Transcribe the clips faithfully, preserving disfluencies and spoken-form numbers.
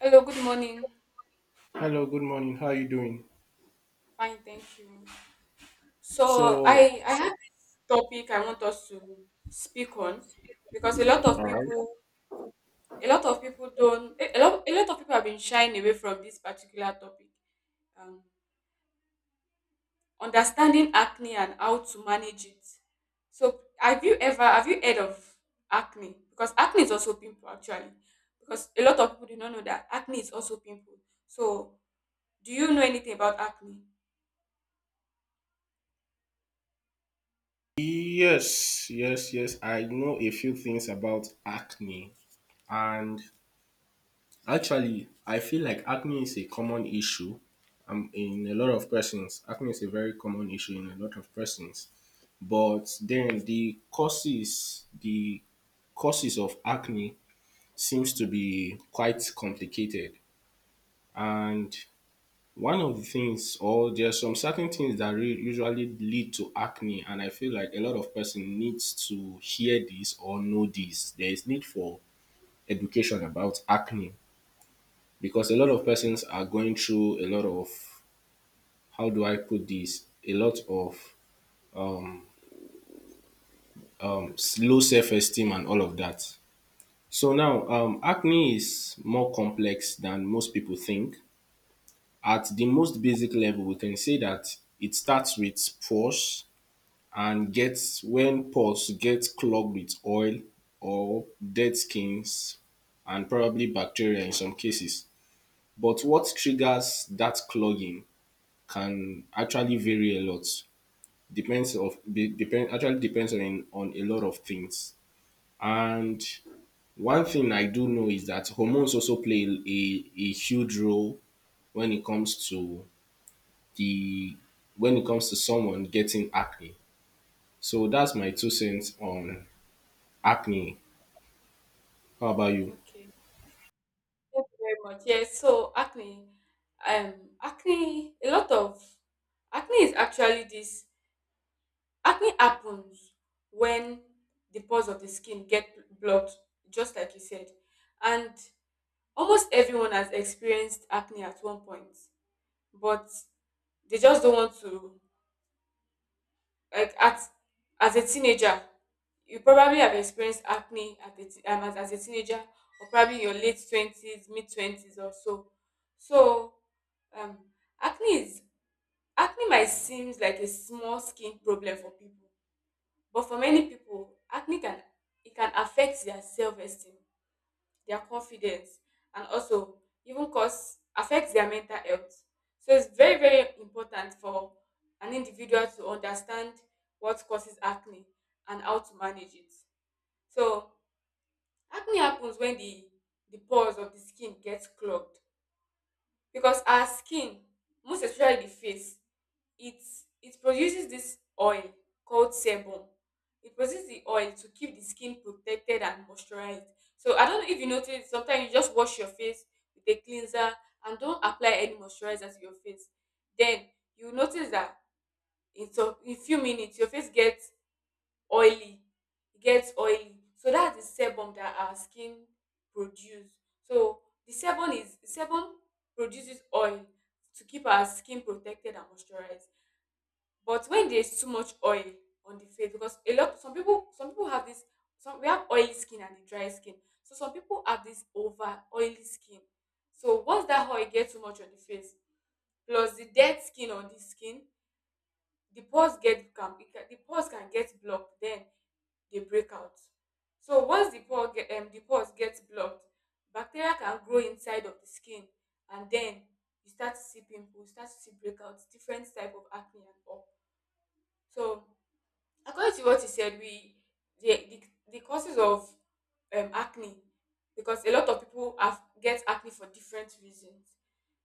Hello, good morning. Hello, good morning. How are you doing? Fine, thank you. So So, I I have this topic I want us to speak on because a lot of people a lot of people don't a a lot a lot of people have been shying away from this particular topic. Um, Understanding acne and how to manage it. So have you ever have you heard of acne? Because acne is also pimple actually. Because a lot of people do not know that acne is also pimple. So do you know anything about acne? yes, yes, yes, I know a few things about acne. And actually, I feel like acne is a common issue um, in a lot of persons. Acne is a very common issue in a lot of persons. But then the causes, the causes of acne seems to be quite complicated. And one of the things, or there are some certain things that re- usually lead to acne, and I feel like a lot of person needs to hear this or know this. There is need for education about acne because a lot Yes. of persons are going through a lot of, how do I put this? A lot of um, um, low self-esteem and all of that. So now, um, acne is more complex than most people think. At the most basic level, we can say that it starts with pores and gets when pores get clogged with oil or dead skins, and probably bacteria in some cases. But what triggers that clogging can actually vary a lot. Depends of de- depend actually depends on on a lot of things. And one thing I do know is that hormones also play a, a huge role when it comes to the when it comes to someone getting acne. So that's my two cents on acne, how about you? Okay, thank you very much. Yes, so acne, um, acne, a lot of acne is actually this. Acne happens when the pores of the skin get blocked, just like you said, and almost everyone has experienced acne at one point, but they just don't want to. Like at As a teenager, you probably have experienced acne at a, t- um, as, as a teenager, or probably in your late twenties, mid twenties, or so. So Um, Acne is acne might seems like a small skin problem for people, but for many people, acne can it can affect their self-esteem, their confidence, and also even cause affect their mental health. So it's very very important for an individual to understand what causes acne and how to manage it. So acne happens when the the pores of the skin gets clogged because our skin, most especially the face, it it produces this oil called sebum. It produces the oil to keep the skin protected and moisturized. So I don't know if you notice, sometimes you just wash your face with a cleanser and don't apply any moisturizer to your face, then you notice that in some in few minutes your face gets oily. It gets oily, so that's the sebum that our skin produce. So the sebum is sebum produces oil to keep our skin protected and moisturized. But when there's too much oil on the face, because a lot some people, some people have this, some we have oily skin and the dry skin. So some people have this over oily skin. So once that oil gets too much on the face, plus the dead skin on the skin, the pores get can, it can- the pores can get blocked. Then they break out. So once the pore get, um, the pores gets blocked, bacteria can grow inside of the skin, and then you start to see pimples, you start to see breakouts, different type of acne and all. So according to what you said, we the the, the causes of um, acne, because a lot of people have get acne for different reasons.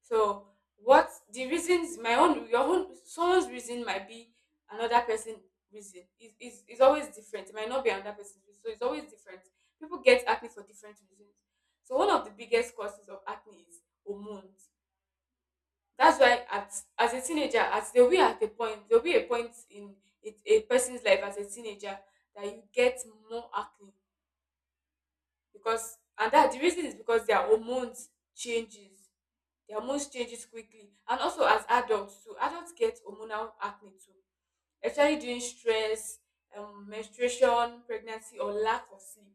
So what the reasons my own your own someone's reason might be another person reason. Is is is always different. It might not be another person's reason. So it's always different. People get acne for different reasons. So one of the biggest causes of acne is hormones. That's why at as a teenager, at there will be at a point, there will be a point in a, a person's life as a teenager that you get more acne, because and that the reason is because their hormones changes their hormones changes quickly. And also as adults too, adults get hormonal acne too, especially during stress, um, menstruation, pregnancy, or lack of sleep.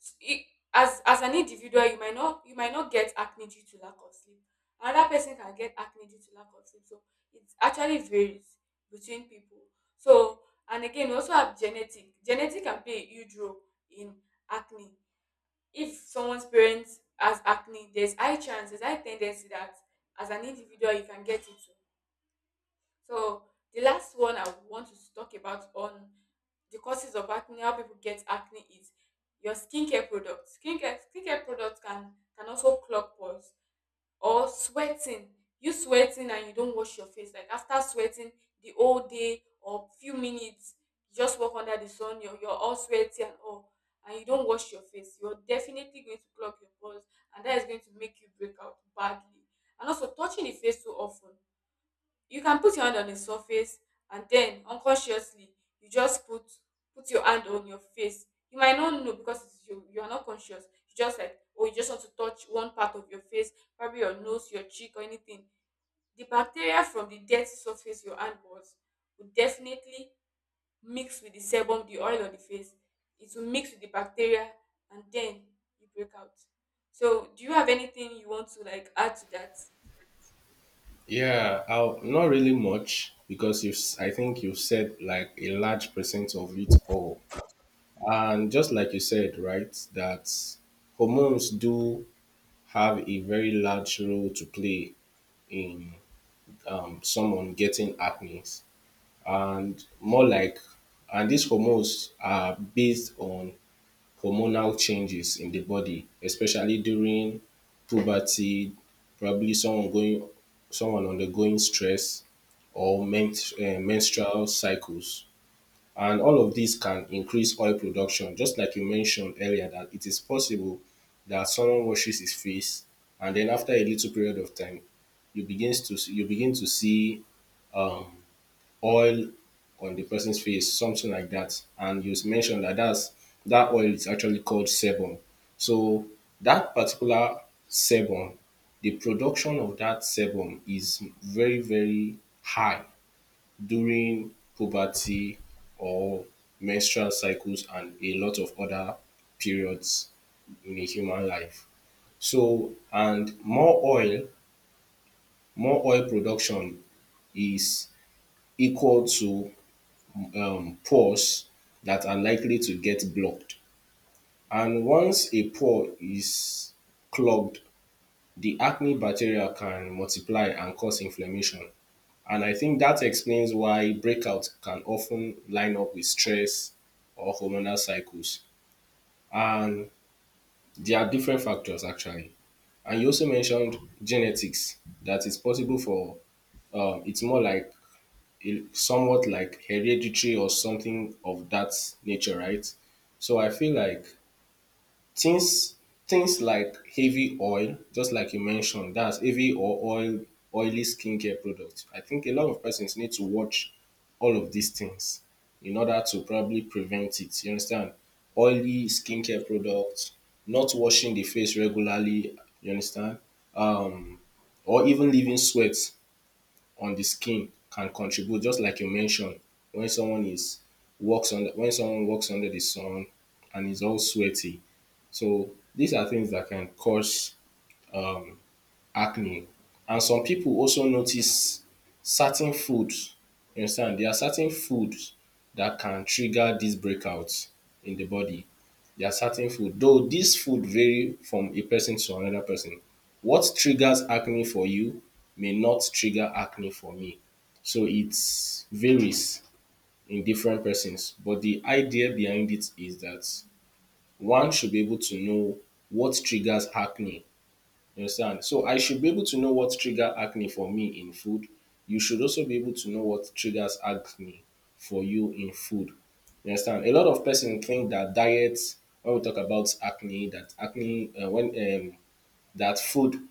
s- i- as as an individual, you might not you might not get acne due to lack of sleep, another person can get acne due to lack of sleep. So it actually varies between people. So, and again, we also have genetic genetic can play a huge role in acne. If someone's parents has acne, there's high chance there's high ten that as an individual you can get it too. So the last one I want to talk about on the causes of acne, how people get acne, is your skincare products. Skincare skincare products can can also clog pores, or sweating. You sweating and you don't wash your face. Like after sweating the whole day or few minutes, you just walk under the sun, you're, you're all sweaty and all, and you don't wash your face. You're definitely going to clog your pores, and that is going to make you break out badly. And also touching the face too often, you can put your hand on the surface and then unconsciously you just put put your hand on your face. You might not know, because it's you you are not conscious. You just like, oh, you just want to touch one part of your face, probably your nose, your cheek, or anything. The bacteria from the dirty surface your hand was will definitely mix with the sebum, the oil on the face. It will mix with the bacteria, and then you break out. So do you have anything you want to like add to that? Yeah, I'll, not really much because you've, s- I think you've said like a large percent of it all. And just like you said, right, that hormones do have a very large role to play in, um, someone getting acne. And more like, and these hormones are based on hormonal changes in the body, especially during puberty, probably someone going, someone undergoing stress or men, uh, menstrual cycles. And all of these can increase oil production. Just like you mentioned earlier, that it is possible that someone washes his face, and then after a little period of time, you begins to you begin to see um, oil on the person's face, something like that. And you mentioned that that's, that oil is actually called sebum. So that particular sebum, the production of that sebum is very, very high during puberty or menstrual cycles and a lot of other periods in a human life. So, and more oil, more oil production is equal to, um, pores that are likely to get blocked. And once a pore is clogged, the acne bacteria can multiply and cause inflammation. And I think that explains why breakouts can often line up with stress or hormonal cycles. And there are different factors actually. And you also mentioned genetics, that it's possible for, um, it's more like it- somewhat like hereditary or something of that nature, right? So I feel Yeah. like things, things like heavy oil, just like you mentioned, that's heavy or oil, oily skincare products. I think a lot of persons need to watch all of these things in order to probably prevent it. You understand? Oily skincare products, not washing the face regularly, you understand? Or even leaving sweat on the skin can contribute, just like you mentioned, when someone is works under when someone works under the sun and is all sweaty. So these are things that can cause acne. And some people also notice certain foods. You understand, there are certain foods that can trigger these breakouts in the body. There are certain food, though this food vary from a person to another person. What triggers acne for you may not trigger acne for me. So it varies in different persons, but the idea behind it is that one should be able to know what triggers acne, you understand? So I should be able to know what trigger acne for me in food. You should also be able to know what triggers acne for you in food. You understand? A lot of persons think that diets, when we talk about acne, that acne, uh, when um, that food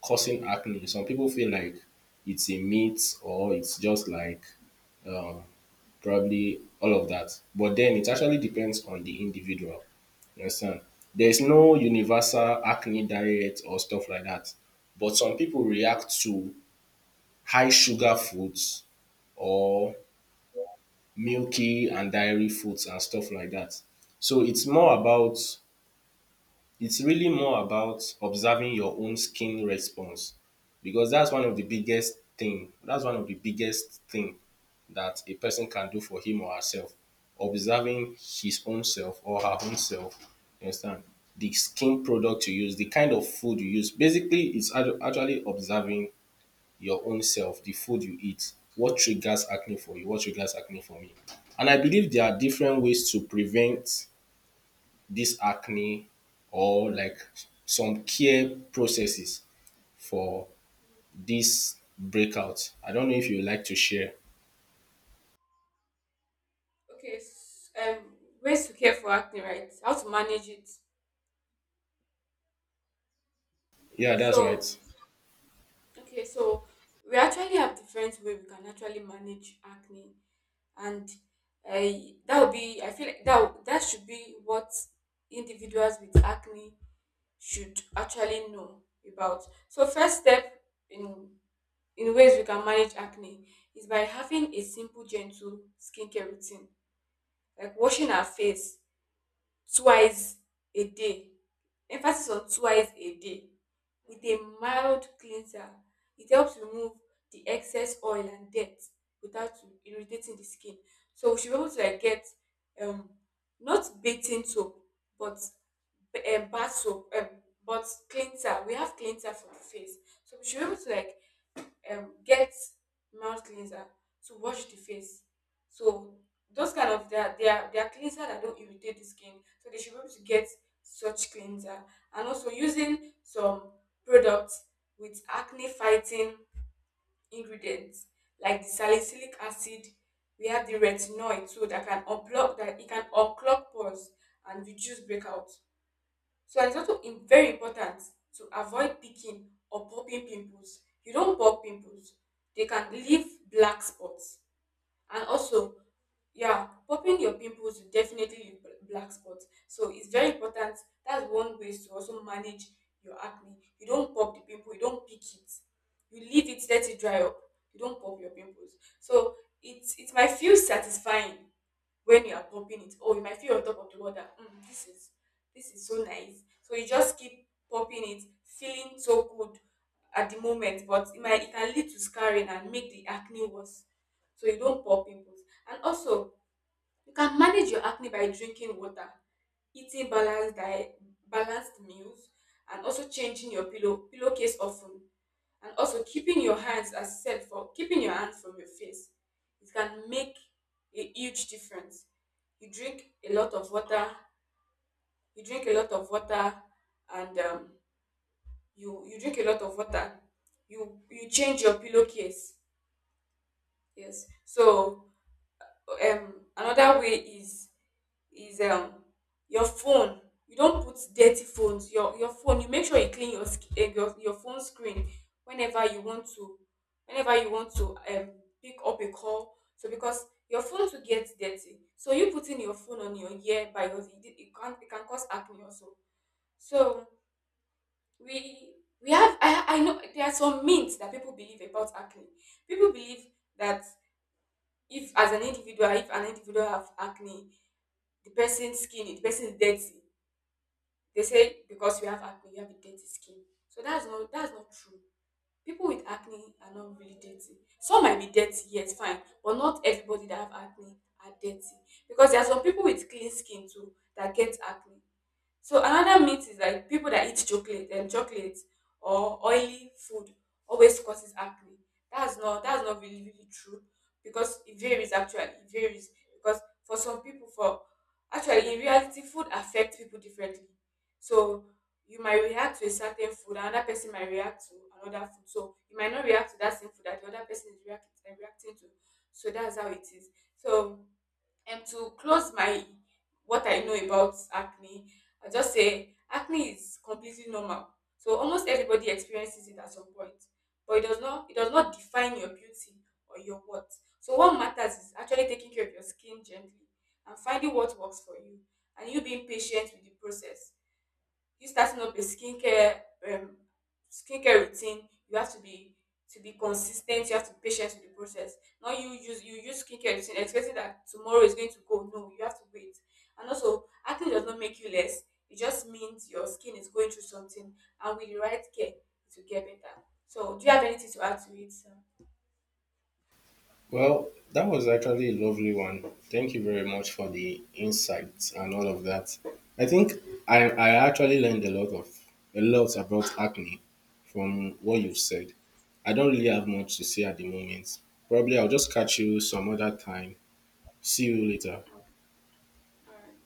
causing acne. Some people feel like it's a meat or it's just like, um, probably all of that. But then it actually depends on the individual. You understand? There's no universal acne diet or stuff like that. But some people react to high sugar foods or milky and dairy foods and stuff like that. So it's more about, it's really more about observing your own skin response, because that's one of the biggest thing that's one of the biggest thing that a person can do for him or herself, observing his own self or her own self, you understand, the skin product you use, the kind of food you use. Basically, it's actu- actually observing your own self, the food you eat, what triggers acne for you, what triggers acne for me. And I believe there are different ways to prevent this acne, or like some care processes for this breakout. I don't know if you would like to share. Okay, s- um, ways to care for acne, right? How to manage it. Yeah, that's right. So, okay, so we actually have different way we can actually manage acne, and uh, that would be. I feel like that would- that should be what individuals with acne should actually know about. So, first step in in ways we can manage acne is by having a simple, gentle skincare routine, like washing our face twice a day. Emphasis on twice a day, with a mild cleanser. It helps remove the excess oil and dirt without irritating the skin. So we should be able to like get um not bathing soap, but um, bath soap, um, but cleanser. We have cleanser for the face, so we should be able to like um, get mouth cleanser to wash the face. So those kind of, they are they are, they are cleanser that don't irritate the skin. So they should be able to get such cleanser, and also using some products with acne fighting ingredients like the salicylic acid. We have the retinoid, so that can unblock that it can unclog pores and reduce breakout. So, and it's also im- very important to avoid picking or popping pimples. You don't pop pimples. They can leave black spots. And also, yeah, popping your pimples will definitely leave bl- black spots. So it's very important. That's one way to also manage your acne. You don't pop the pimple, you don't pick it. You leave it, let it dry up. You don't pop your pimples. So it's it might feel satisfying when you are pumping it. Oh, you might feel on top of the water. Mm, this is, this is so nice. So you just keep pumping it, feeling so good at the moment, but it might it can lead to scarring and make the acne worse. So you don't pop pimples. And also, you can manage your acne by drinking water, eating balanced diet, balanced meals, and also changing your pillow pillowcase often, and also keeping your hands, as said, for keeping your hands from your face. It can make a huge difference. You drink a lot of water. You drink a lot of water, and um, you you drink a lot of water. You you change your pillowcase. Yes. So um another way is is um your phone. You don't put dirty phones. Your your phone you make sure you clean your sc- eh, your, your phone screen whenever you want to, whenever you want to um pick up a call. So because your phone to get dirty, so you putting your phone on your ear by your, it, it can, it can cause acne also. So we we have, I, I know there are some myths that people believe about acne. People believe that if as an individual if an individual have acne, the person's skin the person is dirty. They say because you have acne, you have a dirty skin. So that's not that's not true. People with acne are not really dirty. Some might be dirty, yes, fine, but not everybody that have acne are dirty, because there are some people with clean skin too that get acne. So another myth is like people that eat chocolate and chocolate or oily food always causes acne. That's not that's not really really true, because it varies. Actually it varies, because for some people for actually in reality food affects people differently. So you might react to a certain food, another person might react to another food. So you might not react to that same food that the other person is react, um, reacting to. So that's how it is. So um to close my what I know about acne, I just say acne is completely normal. So almost everybody experiences it at some point, but it does not it does not define your beauty or your worth. So what matters is actually taking care of your skin gently and finding what works for you, and you being patient with the process. You starting up a skincare, um, skincare routine, you have to be to be consistent. You have to be patient with the process. Not you use, you use skincare routine expecting that tomorrow is going to go. No, you have to wait. And also, acne does not make you less. It just means your skin is going through something, and with the right care, it will get better. So, do you have anything to add to it, sir? Well, that was actually a lovely one. Thank you very much for the insights and all of that. I think I, I actually learned a lot of a lot about acne from what you That's— said. I don't really have much to say at the moment. Probably I'll just catch you some other time. See you later. All right.